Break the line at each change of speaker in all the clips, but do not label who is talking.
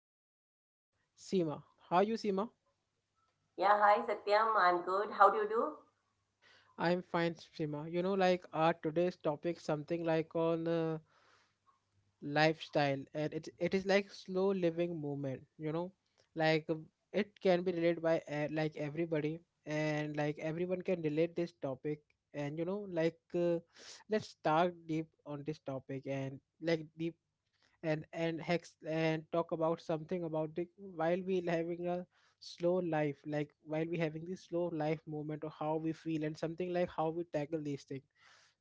is our co-host Seema. How are you Seema?
Yeah, hi Satyam. I'm good. How do you do?
I'm fine Seema. You know like our today's topic something like on lifestyle and it is like slow living movement, you know? Like it can be related by like everybody and like everyone can relate this topic and you know like let's start deep on this topic and like deep and hex and talk about something about the while we having a slow life like while we having this slow life moment or how we feel and something like how we tackle these things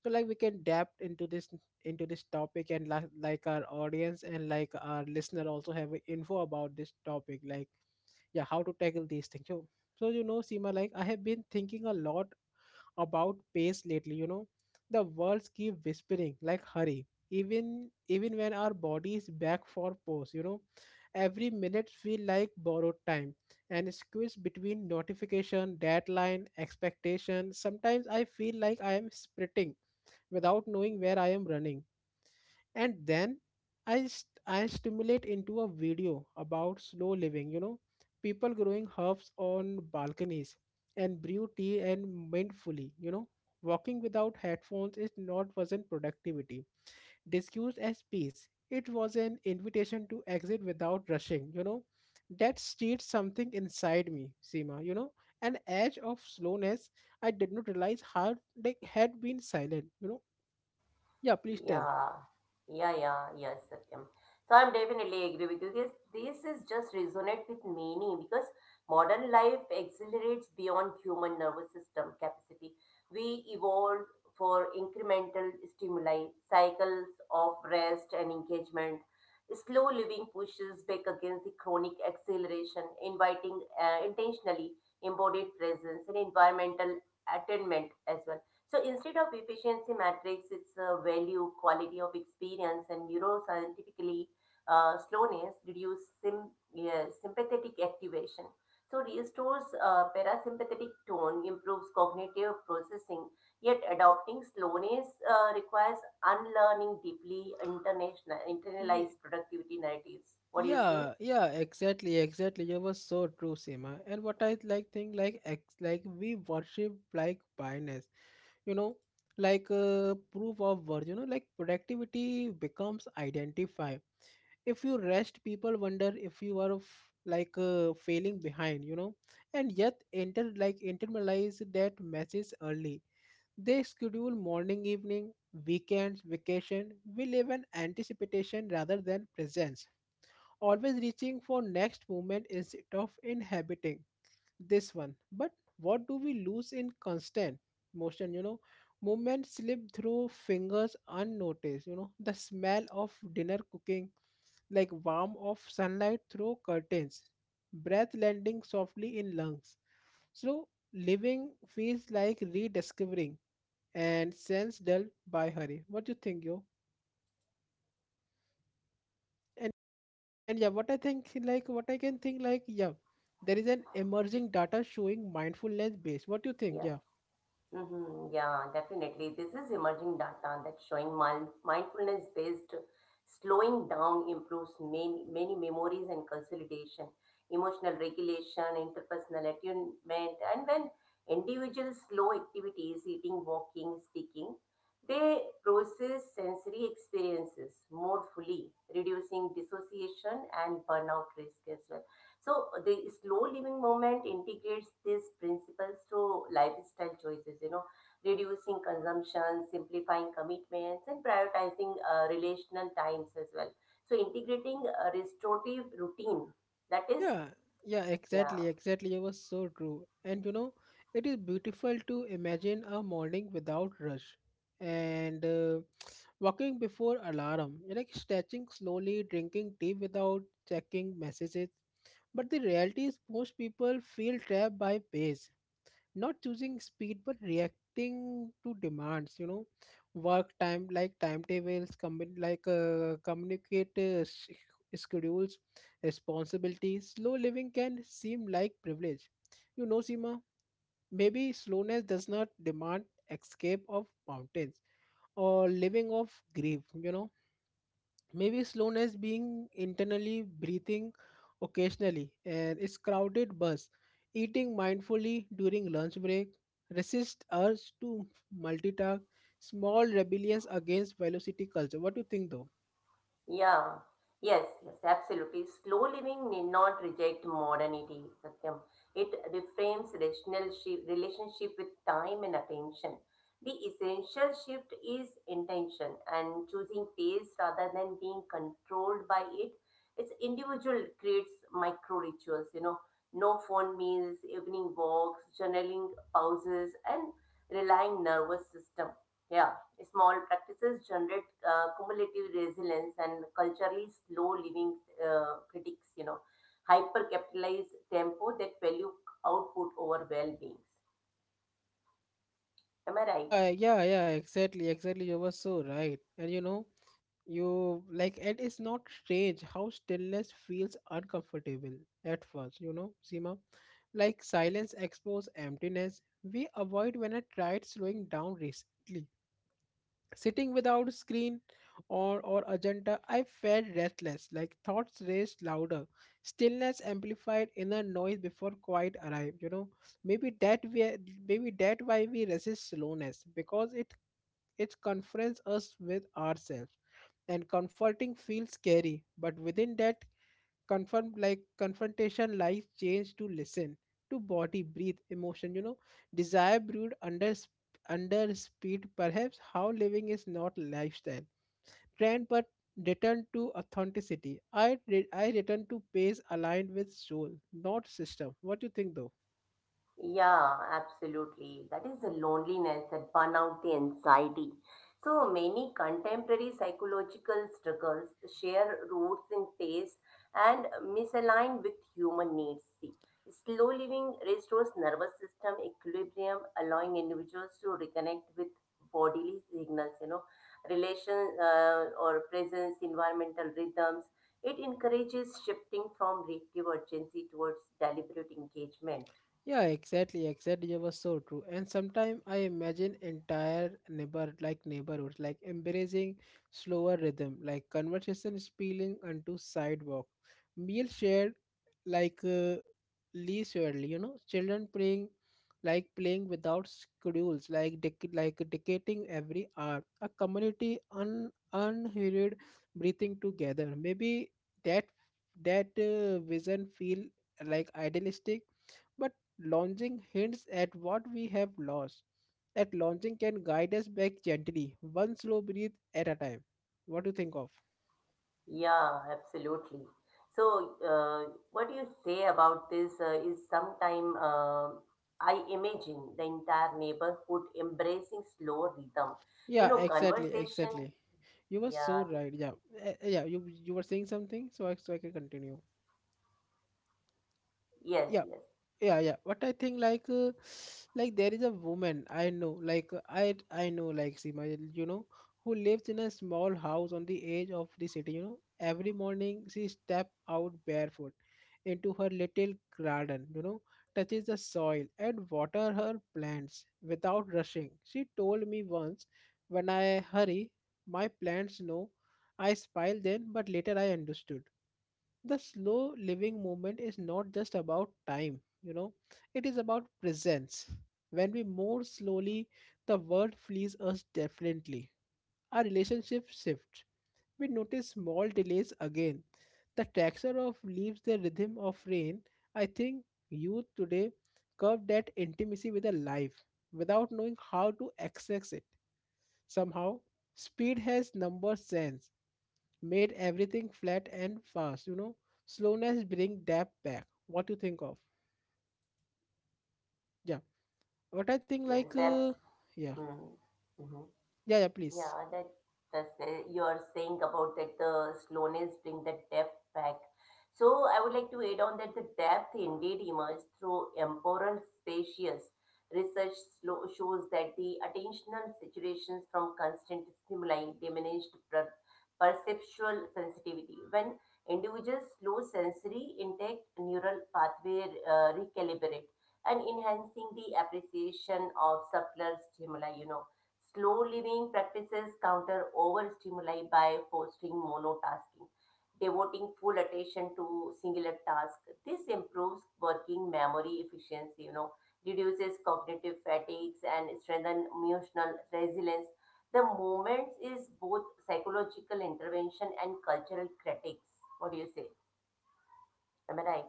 so like we can adapt into this topic and like our audience and like our listener also have a info about this topic like yeah how to tackle these things so you know Seema like I have been thinking a lot about pace lately you know the words keep whispering like hurry even when our body is back for pause you know every minute feel like borrowed time and squeezed between notification deadline expectation sometimes I feel like I am sprinting without knowing where I am running and then I stimulate into a video about slow living. You know, people growing herbs on balconies and brew tea and mindfully. You know, walking without headphones is not wasn't productivity discussed as peace. It was an invitation to exit without rushing. You know, that stirred something inside me, Seema. You know, an edge of slowness I did not realize how they had been silent. You know, yeah. Please tell.
Yeah, yeah, yes, Satyam. So I'm definitely agree with you. This is just resonate with many because modern life accelerates beyond human nervous system capacity. We evolved for incremental stimuli, cycles of rest and engagement. Slow living pushes back against the chronic acceleration, inviting intentionally embodied presence and environmental attainment as well. So instead of efficiency matrix, it's a value, quality of experience, and neuroscientifically slowness reduce sympathetic activation. So restores parasympathetic tone, improves cognitive processing. Yet adopting slowness requires unlearning deeply international internalized productivity narratives. What do you say?
Yeah, yeah, exactly, exactly. You were so true, Seema. And what I like think like ex like we worship like blindness, you know, like proof of worth, you know, like productivity becomes identify. If you rest, people wonder if you are f like failing behind, you know, and yet enter like internalize that message early. They schedule morning, evening, weekends, vacation. We live in anticipation rather than presence always reaching for next movement instead of inhabiting this one but what do we lose in constant motion you know movement slip through fingers unnoticed you know the smell of dinner cooking like warm of sunlight through curtains breath landing softly in lungs so living feels like rediscovering and sense dulled by hurry what do you think yo. And yeah, what I think, like, what I can think, like, yeah, there is an emerging data showing mindfulness based. What do you think?
Yeah.
Yeah,
Mm-hmm. Yeah, definitely. This is emerging data that's showing mindfulness-based slowing down improves many, many memories and consolidation, emotional regulation, interpersonal attunement, and when individuals slow activities, eating, walking, speaking, they process sensory experiences more fully, reducing dissociation and burnout risk as well. So the slow living movement integrates these principles through lifestyle choices, you know, reducing consumption, simplifying commitments, and prioritizing relational times as well. So integrating a restorative routine, that is,
yeah, yeah,
yeah.
exactly, exactly. It was so true. And you know, it is beautiful to imagine a morning without rush and walking before alarm, like stretching slowly, drinking tea without checking messages. But the reality is, most people feel trapped by pace, not choosing speed but reacting to demands, you know, work time like timetables commun- like communicate sch- schedules responsibilities. Slow living can seem like privilege, you know Sima. Maybe slowness does not demand escape of mountains or living of grief, you know. Maybe slowness being internally breathing occasionally and its crowded bus, eating mindfully during lunch break, resist urge to multitask, small rebellions against velocity culture. What do you think though?
Yeah, yes, yes, absolutely. Slow living need not reject modernity, Satyam. It reframes relationship with time and attention. The essential shift is intention and choosing pace rather than being controlled by it. It's individual creates micro rituals, you know, no phone meals, evening walks, journaling pauses, and relying nervous system. Yeah. Small practices generate cumulative resilience and culturally slow living critics, you know, hyper capitalized tempo that value output over well beings. Am I right?
Yeah, yeah, exactly, exactly. You were so right. And you know, you like it is not strange how stillness feels uncomfortable at first, you know Seema. Like silence exposes emptiness we avoid. When I tried slowing down recently, sitting without screen or agenda, I felt restless like thoughts raced louder. Stillness amplified inner noise before quiet arrived, you know. Maybe that we, maybe that why we resist slowness, because it confronts us with ourselves, and comforting feels scary. But within that confront like confrontation lies change to listen to body breathe emotion, you know. Desire brewed under sp- under speed. Perhaps how living is not lifestyle trend but return to authenticity. I re- I return to pace aligned with soul not system. What do you think though?
Yeah, absolutely. That is the loneliness, that burnout, the anxiety. So many contemporary psychological struggles share roots in taste and misalign with human needs. See, slow living restores nervous system equilibrium, allowing individuals to reconnect with bodily signals, you know, relation or presence, environmental rhythms. It encourages shifting from reactive urgency towards deliberate engagement.
Yeah, exactly, exactly. It was so true. And sometimes I imagine entire neighbor like neighborhoods like embracing slower rhythm, like conversation spilling onto sidewalk, meal shared like leisurely, you know, children playing like playing without schedules, like dec- like dictating every hour, a community un unhurried breathing together. Maybe that, that vision feel like idealistic, but longing hints at what we have lost. That longing can guide us back gently, one slow breath at a time. What do you think of?
Yeah, absolutely. So, what do you say about this? Is sometime I imagine the entire neighborhood embracing slow rhythm. You
Yeah,
know,
exactly,
conversation.
exactly. You were
Yeah.
so right. Yeah, eh, eh, yeah. You were saying something, so I can continue.
Yes.
Yeah,
Yes.
yeah, what I think like like there is a woman I know like I know like Sima, you know, who lives in a small house on the edge of the city. You know, every morning she step out barefoot into her little garden, you know, touches the soil and water her plants without rushing. She told me once, when I hurry my plants know. I smile then but later I understood, the slow living movement is not just about time, you know. It is about presence. When we move slowly, the world flees us definitely, our relationship shifts, we notice small delays again, the texture of leaves, the rhythm of rain. I think youth today curve that intimacy with a life without knowing how to access it. Somehow speed has number sense made everything flat and fast, you know. Slowness bring depth back. What do you think of? Yeah, what I
Yes.
think, like, yeah,
Hmm, mm-hmm.
yeah,
Yeah,
please.
that's the, you're saying about that the slowness bring the depth back. So I would like to add on that the depth indeed emerges through temporal spacious research slow, shows that the attentional saturations from constant stimuli diminished perceptual sensitivity. When individuals slow sensory intake, neural pathway recalibrate and enhancing the appreciation of subtler stimuli. You know, slow living practices counter overstimuli by fostering monotasking, devoting full attention to singular task. This improves working memory efficiency, you know, reduces cognitive fatigues and strengthens emotional resilience. The movement is both psychological intervention and cultural critics. What do you say? Am I right?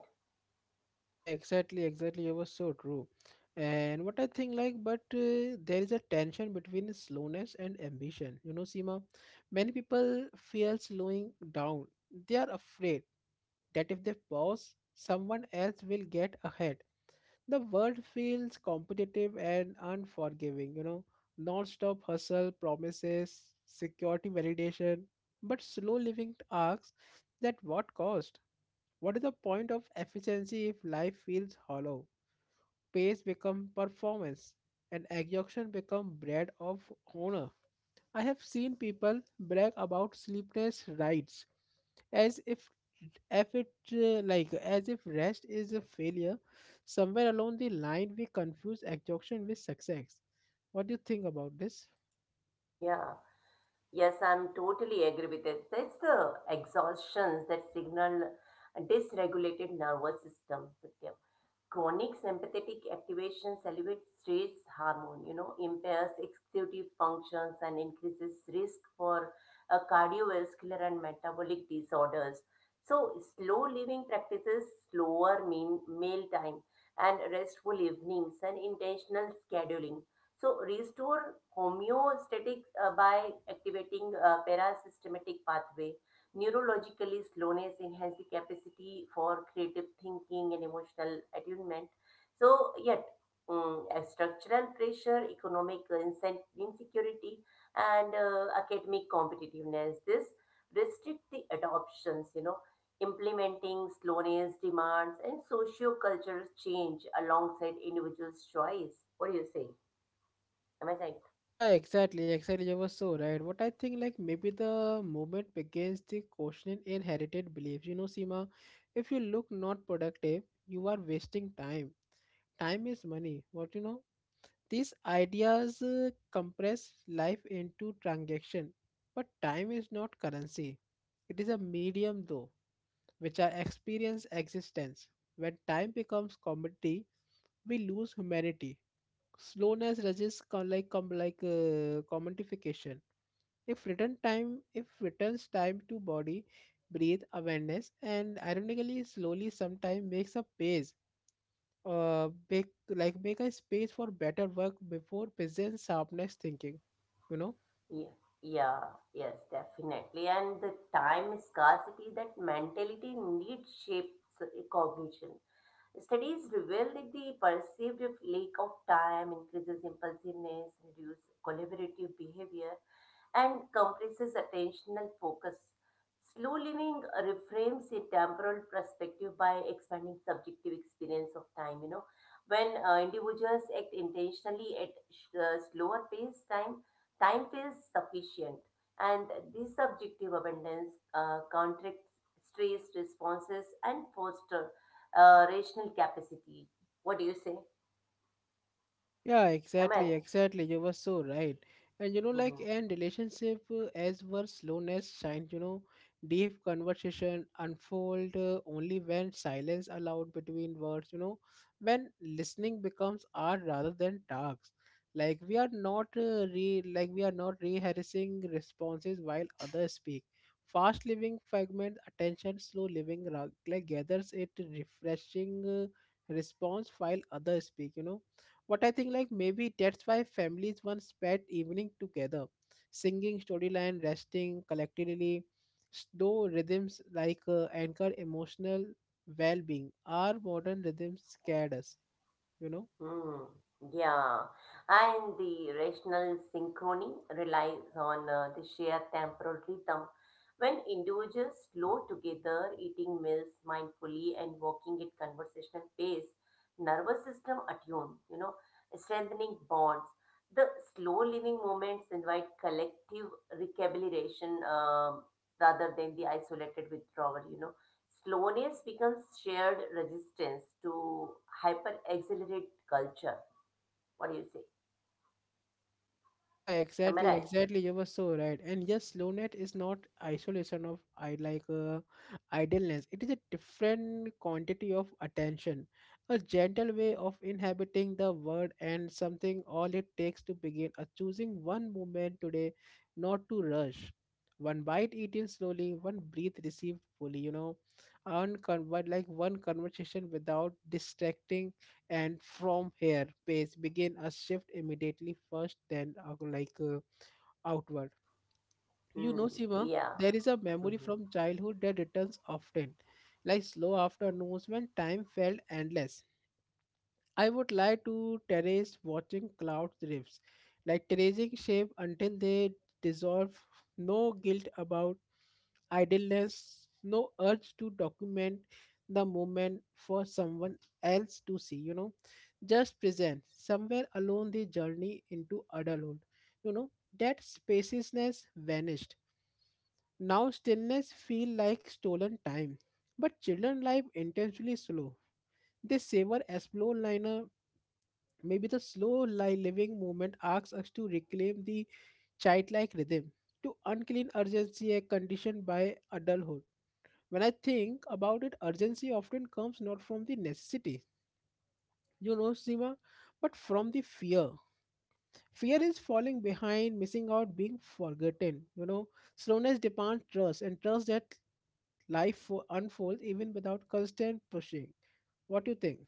Yeah, exactly, exactly. You were so true. And what I think, like, but there is a tension between slowness and ambition. You know Seema, many people fear slowing down. They are afraid that if they pause, someone else will get ahead. The world feels competitive and unforgiving, you know. Non-stop hustle promises security validation, but slow living asks, that what cost? What is the point of efficiency if life feels hollow? Pace become performance and exhaustion become bread of honor. I have seen people brag about sleepless nights as if it like as if rest is a failure. Somewhere along the line, we confuse exhaustion with success. What do you think about this?
Yeah. Yes, I'm totally agree with it. It's the exhaustions that signal a dysregulated nervous system, Satyam. Chronic sympathetic activation elevates stress hormone, you know, impairs executive functions and increases risk for cardiovascular and metabolic disorders. So, slow living practices slower mean meal time and restful evenings and intentional scheduling. So, restore homeostatic by activating parasystematic pathway. Neurologically, slowness enhances the capacity for creative thinking and emotional attunement. So, yet, a structural pressure, insecurity, and academic competitiveness, this restrict the adoptions, you know, implementing slowness demands and socio-cultural change alongside individuals' choice. What do you say? Am I right?
Yeah, exactly, exactly. You were so right. What I think, like maybe the movement begins the questioning inherited beliefs. You know Seema, if you look not productive, you are wasting time. Time is money. What you know? These ideas compress life into transaction, but time is not currency. It is a medium though, which I experience existence. When time becomes commodity, we lose humanity. Slowness resists con- like com- like commodification. If return time, if returns time to body, breathe awareness, and ironically, slowly, sometime makes a pace make like make a space for better work before business sharpness thinking, you know.
Yeah, yeah, Yes, definitely. And the time scarcity, that mentality indeed shapes cognition. Studies reveal that the perceived lack of time increases impulsiveness, reduces collaborative behavior, and compresses attentional focus. Slow living reframes the temporal perspective by expanding subjective experience of time. You know, when individuals act intentionally at slower pace, time feels sufficient, and this subjective abundance contracts stress responses and foster rational capacity. What do you say?
Yeah,
Am I?
exactly, exactly. You were so right. And you know, like, and relationship as were slowness shine, you know, deep conversation unfold only when silence allowed between words, you know, when listening becomes art rather than tasks. Like we are not re like we are not rehearsing responses while others speak. Fast living fragment attention, slow living ra- like gathers it refreshing response while others speak, you know. What I think, like maybe that's why families once spent evening together, singing storyline, resting collectively. Slow rhythms like anchor emotional well-being. Our modern rhythms scared us, you know.
Hmm. Yeah, and the rational synchrony relies on the shared temporal rhythm. When individuals slow together, eating meals mindfully and walking at conversational pace, nervous system attune, you know, strengthening bonds. The slow living moments invite collective recalibration rather than the isolated withdrawal. You know, slowness becomes shared resistance to hyper accelerate culture. What do you say?
Yeah,
Am I
exactly,
right?
exactly. You were so right. And yes, slowness is not isolation of I like idleness. It is a different quantity of attention, a gentle way of inhabiting the world, and something all it takes to begin. A choosing one moment today, not to rush. One bite eaten slowly, one breath received fully. You know, uncon- but like one conversation without distracting, and from here pace begin a shift immediately first then like outward, you know
Hmm.
Sima.
Yeah.
There is a memory
Mhm.
from childhood that returns often, like slow afternoons when time felt endless. I would like to terrace watching cloud drifts, like terracing shape until they dissolve. No guilt about idleness, no urge to document the moment for someone else to see, you know. Just present somewhere along the journey into adulthood, you know. That spaciousness vanished. Now stillness feel like stolen time. But children life intentionally slow. They savor explore liner. Maybe the slow li- living movement asks us to reclaim the childlike rhythm, to unclean urgency a condition by adulthood. When I think about it, urgency often comes not from the necessity, you know Sima, but from the fear. Fear is falling behind, missing out, being forgotten. You know, slowness demands trust, and trust that life fo- unfolds even without constant pushing. What do you think?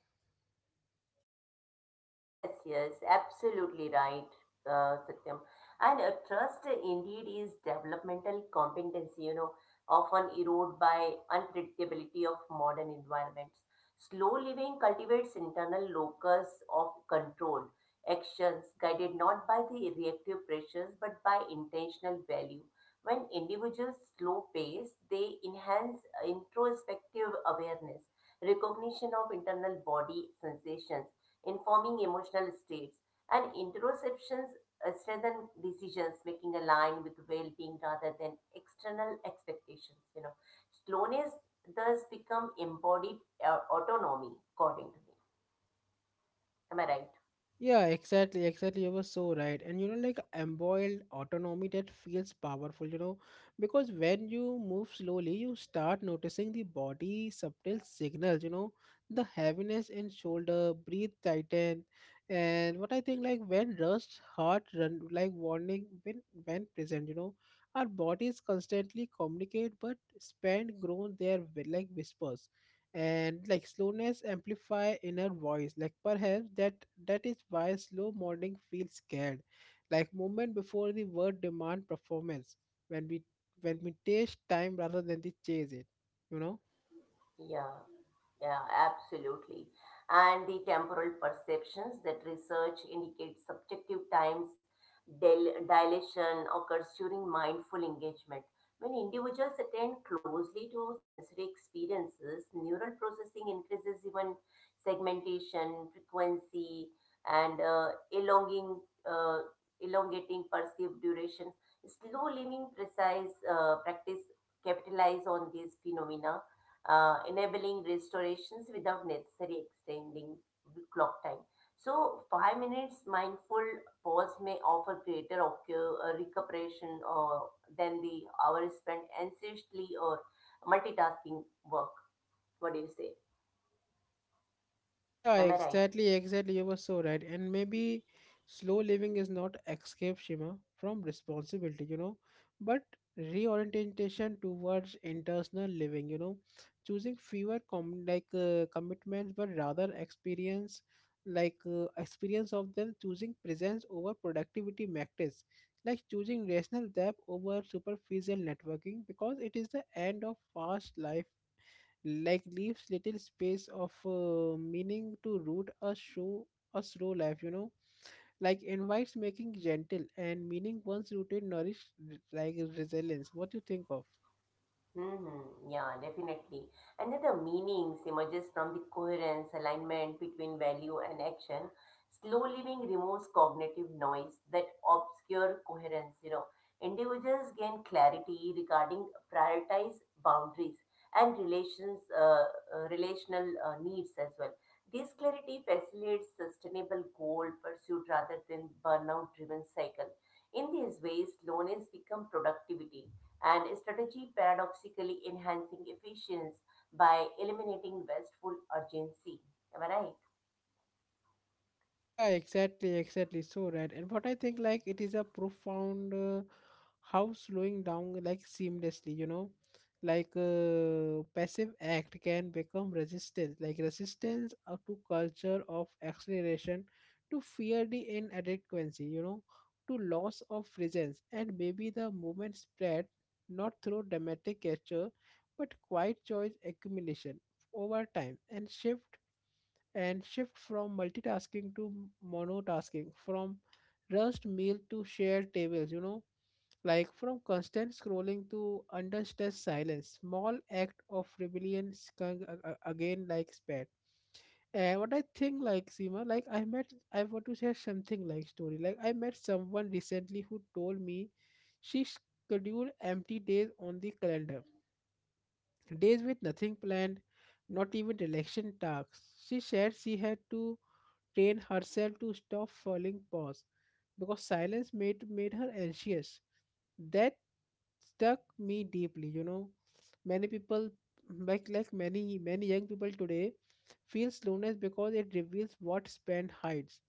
Yes, yes, absolutely right, Satyam. And trust indeed is developmental competency, you know, often eroded by unpredictability of modern environments. Slow living cultivates internal locus of control, actions guided not by the reactive pressures but by intentional value. When individuals slow pace, they enhance introspective awareness, recognition of internal body sensations informing emotional states, and interoceptions strengthen decisions making aligned with well-being rather than external expectations. You know, slowness thus become embodied autonomy, according to me. Am I right?
Yeah, exactly, exactly. You were so right. And you know, like embroiled autonomy that feels powerful, you know, because when you move slowly, you start noticing the body subtle signals, you know, the heaviness in shoulder, breathe tighten. And what I think like when rust, heart run like warning when present, you know, our bodies constantly communicate but spend grown their like whispers, and like slowness amplify inner voice like perhaps that is why slow morning feels scared, like moment before the word demand performance when we when we taste time rather than the chase it, you know.
Yeah. Yeah, absolutely. And the temporal perceptions that research indicates subjective times dilation occurs during mindful engagement. When individuals attend closely to sensory experiences, neural processing increases even segmentation, frequency, and uh, elongating perceived duration. Slow living precise practice capitalize on these phenomena, enabling restorations without necessary extending clock time. So, 5 minutes mindful pause may offer greater recuperation than the hour spent anxiously or multitasking work. What do you say?
Yeah,
Am I right?
exactly, exactly. You were so right. And maybe slow living is not escape Shima from responsibility, you know, but reorientation towards internal living, you know, choosing fewer commitments, but rather experience experience of them, choosing presence over productivity metrics, like choosing rational depth over superficial networking, because it is the end of fast life, like leaves little space of meaning to root a show, a slow life, you know, like invites making gentle and meaning once rooted nourish like resilience. What do you think of?
Mm-hmm. Yeah, definitely. Another meaning emerges from the coherence, alignment between value and action. Slow living removes cognitive noise that obscure coherence. You know, individuals gain clarity regarding prioritize boundaries and relational needs as well. This clarity facilitates sustainable goal pursuit rather than burnout-driven cycle. In these ways, slowness become productivity and strategy paradoxically enhancing efficiency by eliminating wasteful urgency. Am I right?
Yeah, exactly, exactly. So right. And what I think like it is a profound how slowing down like seamlessly, you know, passive act can become resistance, like resistance to culture of acceleration, to fear the inadequacy, you know, to loss of presence, and maybe the movement spread not through dramatic gesture, but quiet choice accumulation over time and shift from multitasking to monotasking, from rushed meal to shared tables, you know, like from constant scrolling to under stress silence. Small act of rebellion skunk again like spat. And what I think like Seema, like I want to share something like story. Like I met someone recently who told me she scheduled empty days on the calendar. Days with nothing planned, not even election tasks. She said she had to train herself to stop falling pause because silence made her anxious. That stuck me deeply, you know. Many people like many young people today feel slowness because it reveals what spent hides.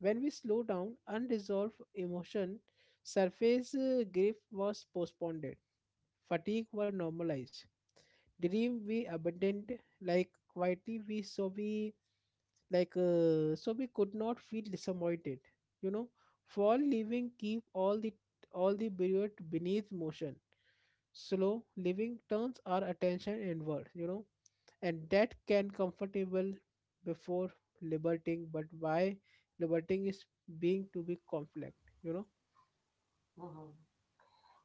When we slow down, unresolved emotion surface grief was postponed, fatigue were normalized, dream we abandoned like quietly we so we so we could not feel disappointed, you know. Fall living keep all the period beneath motion. Slow living turns our attention inward, you know, and that can comfortable before liberating. But why liberating is being to be conflict, you know.
Mhm.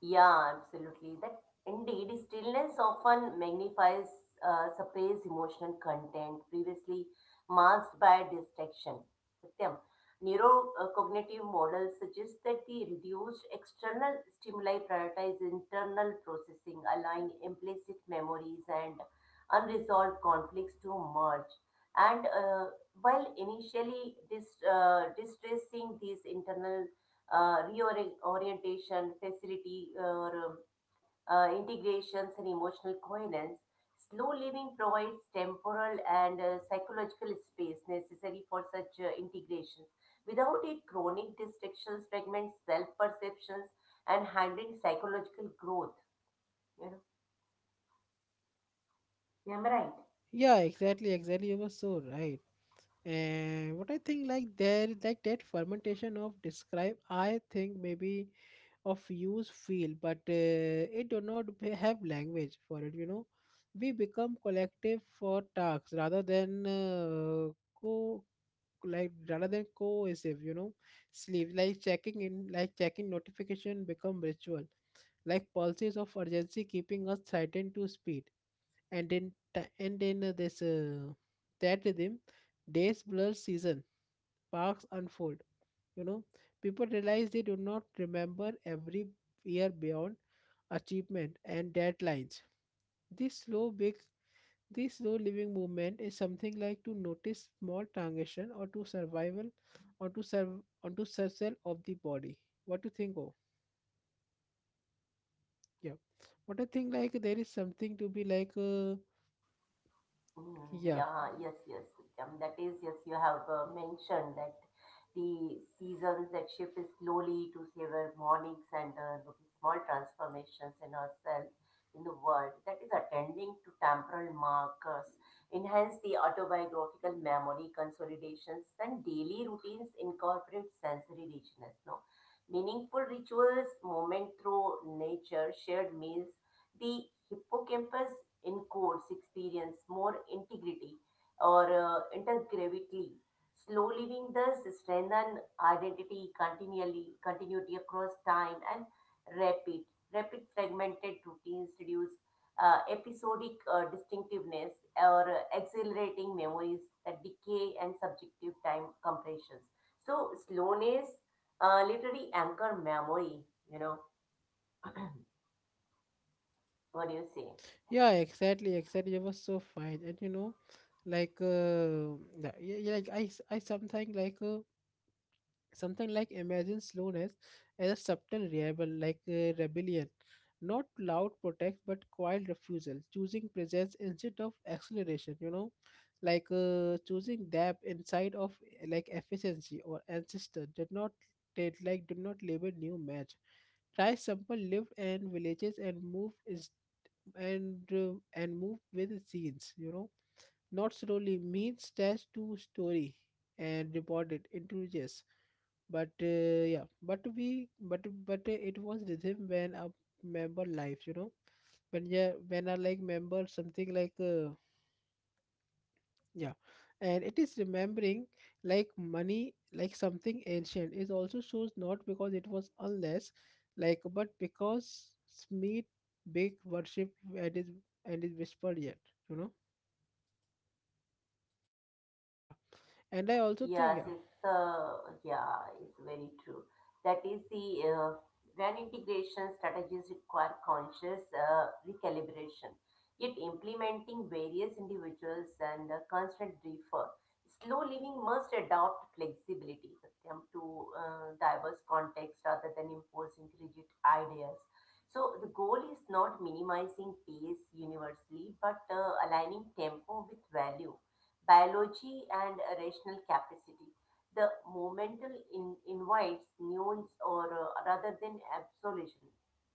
Yeah, absolutely. That indeed, stillness often magnifies surface emotional content previously masked by distraction, Satyam. Neurocognitive models suggest that the reduced external stimuli prioritize internal processing, allowing implicit memories and unresolved conflicts to merge. And while initially distressing, these internal reorientation, facility, or integrations, and emotional coherence. Slow living provides temporal and psychological space necessary for such integrations. Without it, chronic distractions fragment self perceptions and hindering psychological growth. You know, am I right?
Yeah, exactly, exactly. You were so right. And what I think like there like that fermentation of describe, I think maybe of use feel but it do not be- have language for it, you know. We become collective for tasks rather than co like rather than cohesive, you know. Sleep like checking in, like checking notification become ritual, like pulses of urgency keeping us threatened to speed. And in ti- and in this that rhythm, days blur seasons, parks unfold. You know, people realize they do not remember every year beyond achievement and deadlines. This slow big this slow living movement is something like to notice small transition, or to survival, or to serve on to surcell of the body. What to think of? Yeah. What I think like there is something to be like
Mm,
yeah.
yeah, yes, yes. That is, yes, you have mentioned that the seasons that shift is slowly to savor mornings and look small transformations in ourselves, in the world. That is attending to temporal markers, enhance the autobiographical memory consolidations, and daily routines incorporate sensory richness. No, meaningful rituals, moment through nature, shared meals, the hippocampus encodes experience more integrity or intergravity. Slow living thus strengthen identity continually continuity across time and rapid rapid fragmented routines reduce episodic distinctiveness or accelerating memories that decay and subjective time compressions. So slowness literally anchor memory. You know, what do you say?
Yeah, exactly, exactly. It was so fine. And you know, like uh yeah, yeah, like I sometimes something like imagine slowness as a subtle rebel like rebellion, not loud protest but quiet refusal, choosing presence instead of acceleration, you know, choosing depth inside of like efficiency, or ancestor did not did like do not label new match, try sample lived and villages and move is, and move with scenes, you know. Not slowly means dash to story and reported introduces. But yeah, but we but it was rhythm when a member lives, you know, when yeah, when I like member something like yeah, and it is remembering like money, like something ancient. It also shows not because it was unless, like but because Smith big worship, and is and is whispered yet, you know, yeah. And I also think,
Yes,
yeah.
it's very true. That is the brand integration strategies require conscious recalibration. Yet implementing various individuals and constant refer. Slow living must adopt flexibility, Satyam, to diverse contexts rather than imposing rigid ideas. So the goal is not minimizing pace universally, but aligning tempo with value biology and rational capacity. The invites nuance or rather than absolution.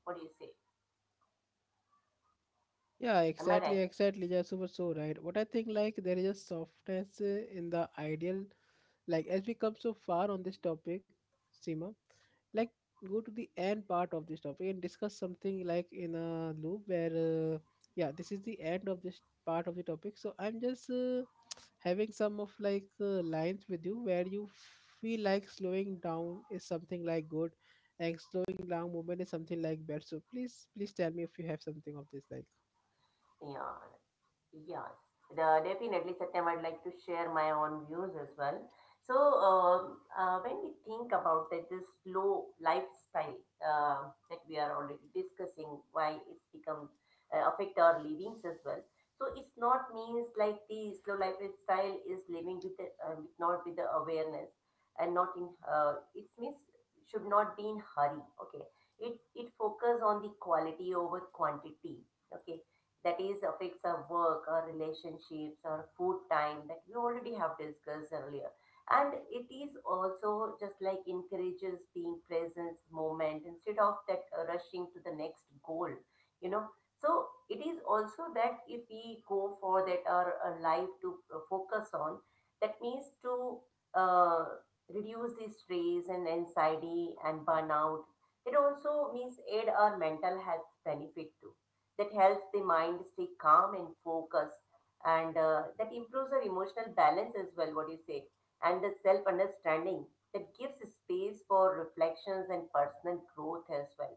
What do you say?
Yeah,
Am I
exactly,
right?
exactly. Yeah, super so right. What I think like there is a softness in the ideal, like as we come so far on this topic, Seema, like go to the end part of this topic and discuss something like in a loop where yeah, this is the end of this part of the topic. So I'm just having some of lines with you where you feel like slowing down is something like good, and slowing down movement is something like bad. So please tell me if you have something of this like.
Yeah. Yes, Definitely, Satyam. I'd like to share my own views as well. So, when we think about that, this slow lifestyle that we are already discussing, why it's become affect our livings as well. So, it's not means like the slow lifestyle is living with the, with not with the awareness and not in. It means should not be in hurry. Okay, it focus on the quality over quantity. Okay, that is affects our work, our relationships, our food time that we already have discussed earlier. And it is also just like encourages being present moment instead of that rushing to the next goal, you know. So it is also that if we go for that our life to focus on, that means to uh, reduce the stress and anxiety and burnout. It also means aid our mental health benefit too, that helps the mind stay calm and focused, and that improves our emotional balance as well. What you say? And the self understanding that gives space for reflections and personal growth as well.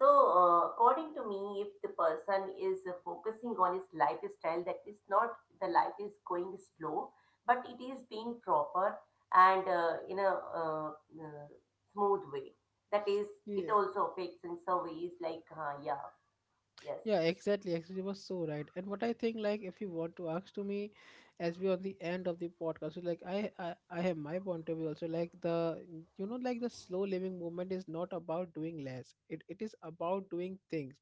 So, according to me, if the person is focusing on his lifestyle, that is not the life is going slow but it is being proper and in a uh, uh, smooth way. That is, it
Yeah.
also affects in surveys like yeah. Yes.
Yeah, exactly. Actually, you were so right. And what I think, like, if you want to ask to me, as we on the end of the podcast, so, like, I have my point of view also. Like the, you know, like the slow living movement is not about doing less. It is about doing things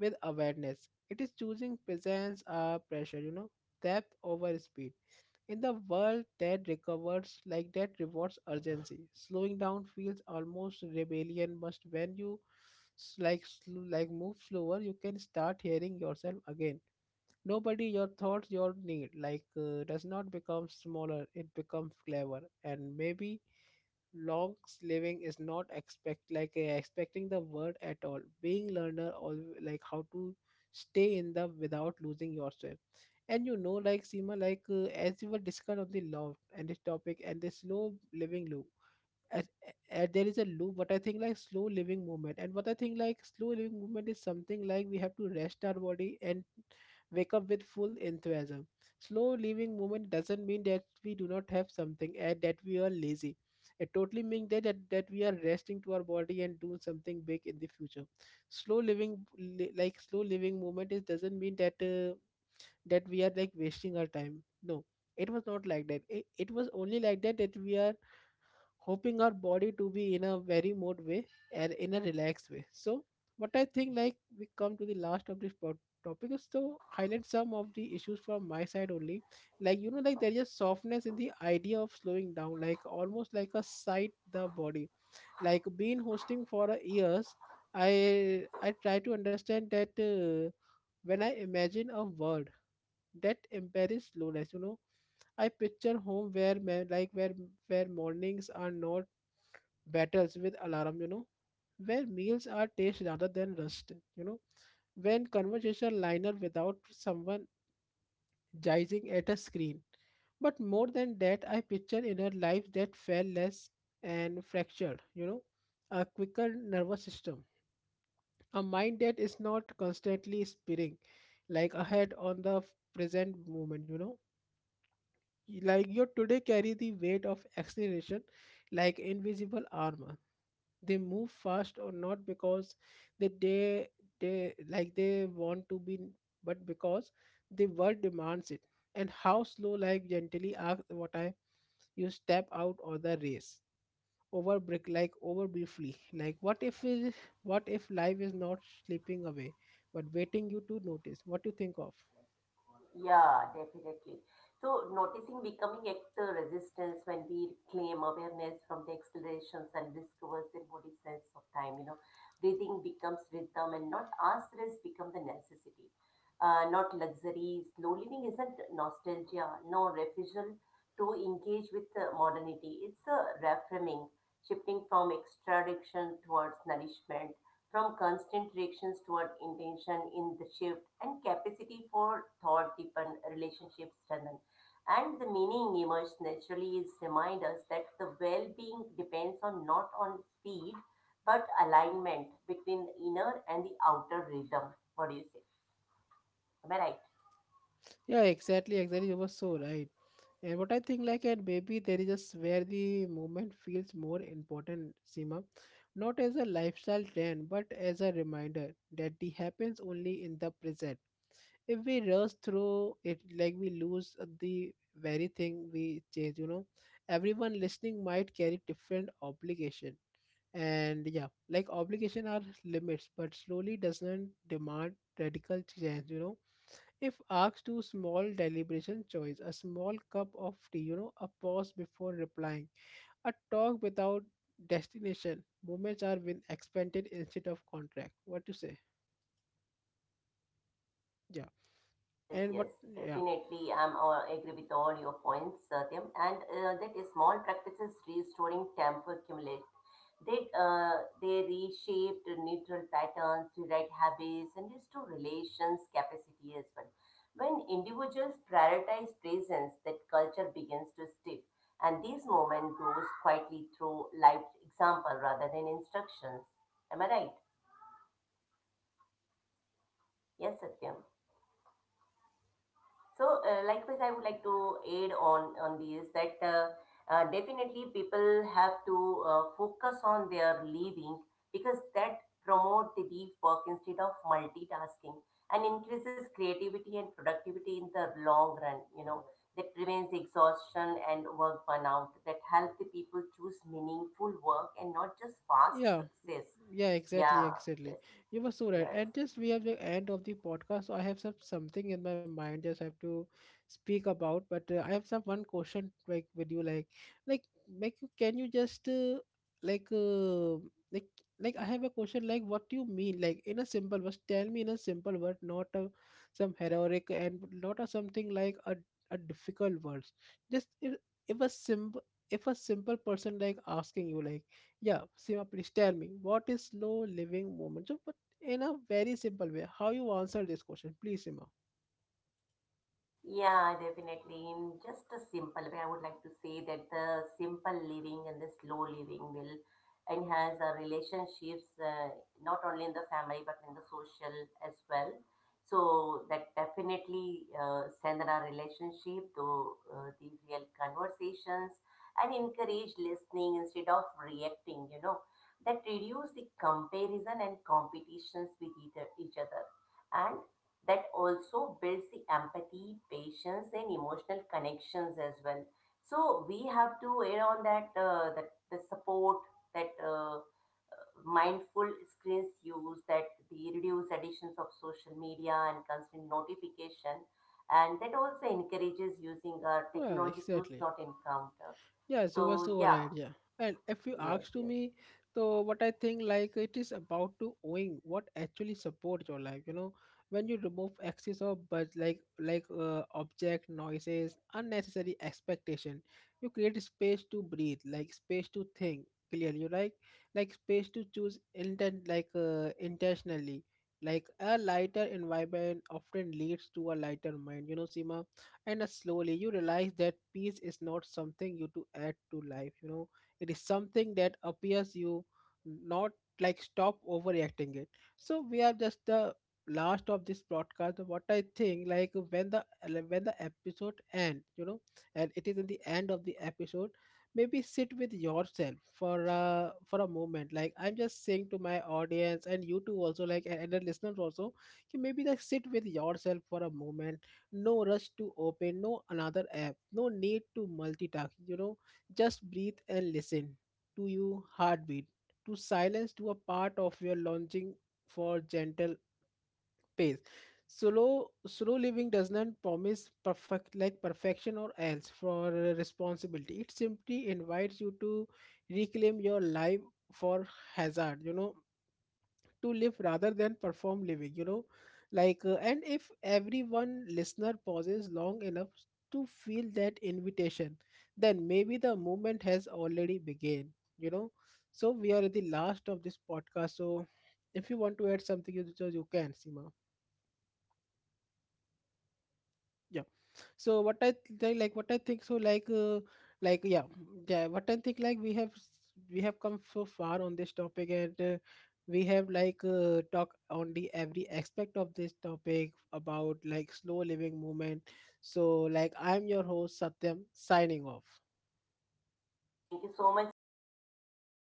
with awareness. It is choosing presence or pressure, you know, depth over speed. In the world that recovers, like that rewards urgency, slowing down feels almost rebellion. Must when you move slower, you can start hearing yourself again. Nobody, your thoughts, your need does not become smaller. It becomes clever. And maybe long living is not expect like expecting the word at all, being learner all, like how to stay in the without losing yourself. And you know, like Seema, like as we were discussed on the love and this topic and the slow living loop, as, there is a loop. What I think like slow living movement, and what I think like slow living movement is something like we have to rest our body and wake up with full enthusiasm. Slow living movement doesn't mean that we do not have something and that we are lazy. It totally means that we are resting to our body and doing something big in the future. Slow living like slow living movement is doesn't mean that that we are like wasting our time. No, it was not like that. It was only like that that we are helping our body to be in a very mode way and in a relaxed way. So what I think like we come to the last of this topic is to highlight some of the issues from my side only. Like you know, like there is a softness in the idea of slowing down, like almost like a sight the body like been hosting for years. I try to understand that when I imagine a world that embraces slowness, you know, I picture home where ma- like where mornings are not battles with alarm, you know, where meals are taste rather than rust, you know, when conversation liner without someone gazing at a screen. But more than that, I picture in her life that fell less and fractured, you know, a quicker nervous system, a mind that is not constantly spinning like ahead on the present moment, you know. Like your today carry the weight of acceleration like invisible armor. They move fast or not because they they, they want to be, but because the world demands it. And how slow like gently ask what I, you step out of the race over brick like over briefly, like what if life is not slipping away but waiting you to notice. What do you think of?
Yeah, definitely. So noticing becoming actor resistance when we claim awareness from the exhalations and discovers the body sense of time. You know, breathing becomes rhythm and not asterisk become the necessity. Not luxury. Slow living isn't nostalgia, no refusal to engage with modernity. It's a reframing, shifting from extraction towards nourishment, from constant reactions toward intention in the shift, and capacity for thought deepen, relationships strengthen, and the meaning emerges naturally. Is remind us that the well-being depends on not on speed but alignment between inner and the outer rhythm. What do you say? Am I right?
Yeah, exactly, exactly. You were so right. And what I think, like, and maybe there is just where the movement feels more important, Seema, not as a lifestyle trend, but as a reminder that it happens only in the present. If we rush through it, like we lose the very thing we chase, you know. Everyone listening might carry different obligation, and yeah, like obligation are limits, but slowly doesn't demand radical change, you know, if asked to small deliberation choice, a small cup of tea, you know, a pause before replying, a talk without destination, moments are being expanded instead of contract. What to say? Yeah.
Yes,
And what?
yes,
Yeah.
definitely. I'm all, agree with all your points, Satyam. And that is small practices restoring temper accumulate. They reshaped neutral patterns, rewrite habits, and restore relations capacity as well. When individuals prioritize presence, that culture begins to stiff, and this moment grows quietly through lived example rather than instructions. Am I right? Yes, Satyam. So, likewise, I would like to add on this that definitely people have to focus on their living because that promote the deep work instead of multitasking and increases creativity and productivity in the long run. You know, that prevents exhaustion and work burnout. That help the people choose meaningful work and not just fast
Yeah.
success.
Yeah, exactly,
Yeah.
exactly.
Yes.
You were so right.
Yes.
And just we have the end of the podcast. So I have some something in my mind. Just have to speak about. But I have some one question like with you, like, can you just like, uh, like, I have a question. Like, what do you mean? Like in a simple words, tell me in a simple word, not a, some heroic and not a something like a difficult words. Just if if a simple if a simple person like asking you like, yeah, Seema, please tell me what is slow living moment? So, but in a very simple way, how you answer this question, please, Seema?
Yeah, definitely. In just a simple way, I would like to say that the simple living and the slow living will enhance our relationships, not only in the family but in the social as well. So that definitely strengthen our relationship to the real conversations and encourage listening instead of reacting. You know, that reduce the comparison and competitions with either each other, and that also builds the empathy, patience, and emotional connections as well. So we have to add on that that the support, that mindful screens use, that the reduced additions of social media and constant notification, and that also encourages using our
Yeah,
technology tools
exactly.
not encounter.
Yeah, so was
So yeah,
overhead. Yeah, and if you
yes,
ask to
yes.
me, so what I think like it is about to owing what actually supports your life. You know, when you remove excess of but like object noises, unnecessary expectation, you create space to breathe, like space to think clearly. You like space to choose intent intentionally. Like a lighter environment often leads to a lighter mind. You know, Seema, and slowly you realize that peace is not something you to add to life, you know. It is something that appears you, not like stop overreacting it. So we are just the last of this broadcast. What I think like when the episode ends, you know, and it is in the end of the episode, maybe sit with yourself for a moment, like I'm just saying to my audience and you too also, like and the listeners also, कि maybe like sit with yourself for a moment. No rush to open, no another app, no need to multitask, you know. Just breathe and listen to your heartbeat, to silence, to a part of your longing for gentle pace. Slow living does not promise perfect like perfection or else for responsibility. It simply invites you to reclaim your life for hazard, you know, to live rather than perform living, you know. And if everyone listener pauses long enough to feel that invitation, then maybe the movement has already begun, you know. So we are at the last of this podcast. So if you want to add something you, you can, Sima. Yeah. So what I think so yeah. Yeah, what I think like we have come so far on this topic, and we have talk on the every aspect of this topic about like slow living movement. So like I'm your host, Satyam, signing off.
Thank you so much, Satya, for calling me on this.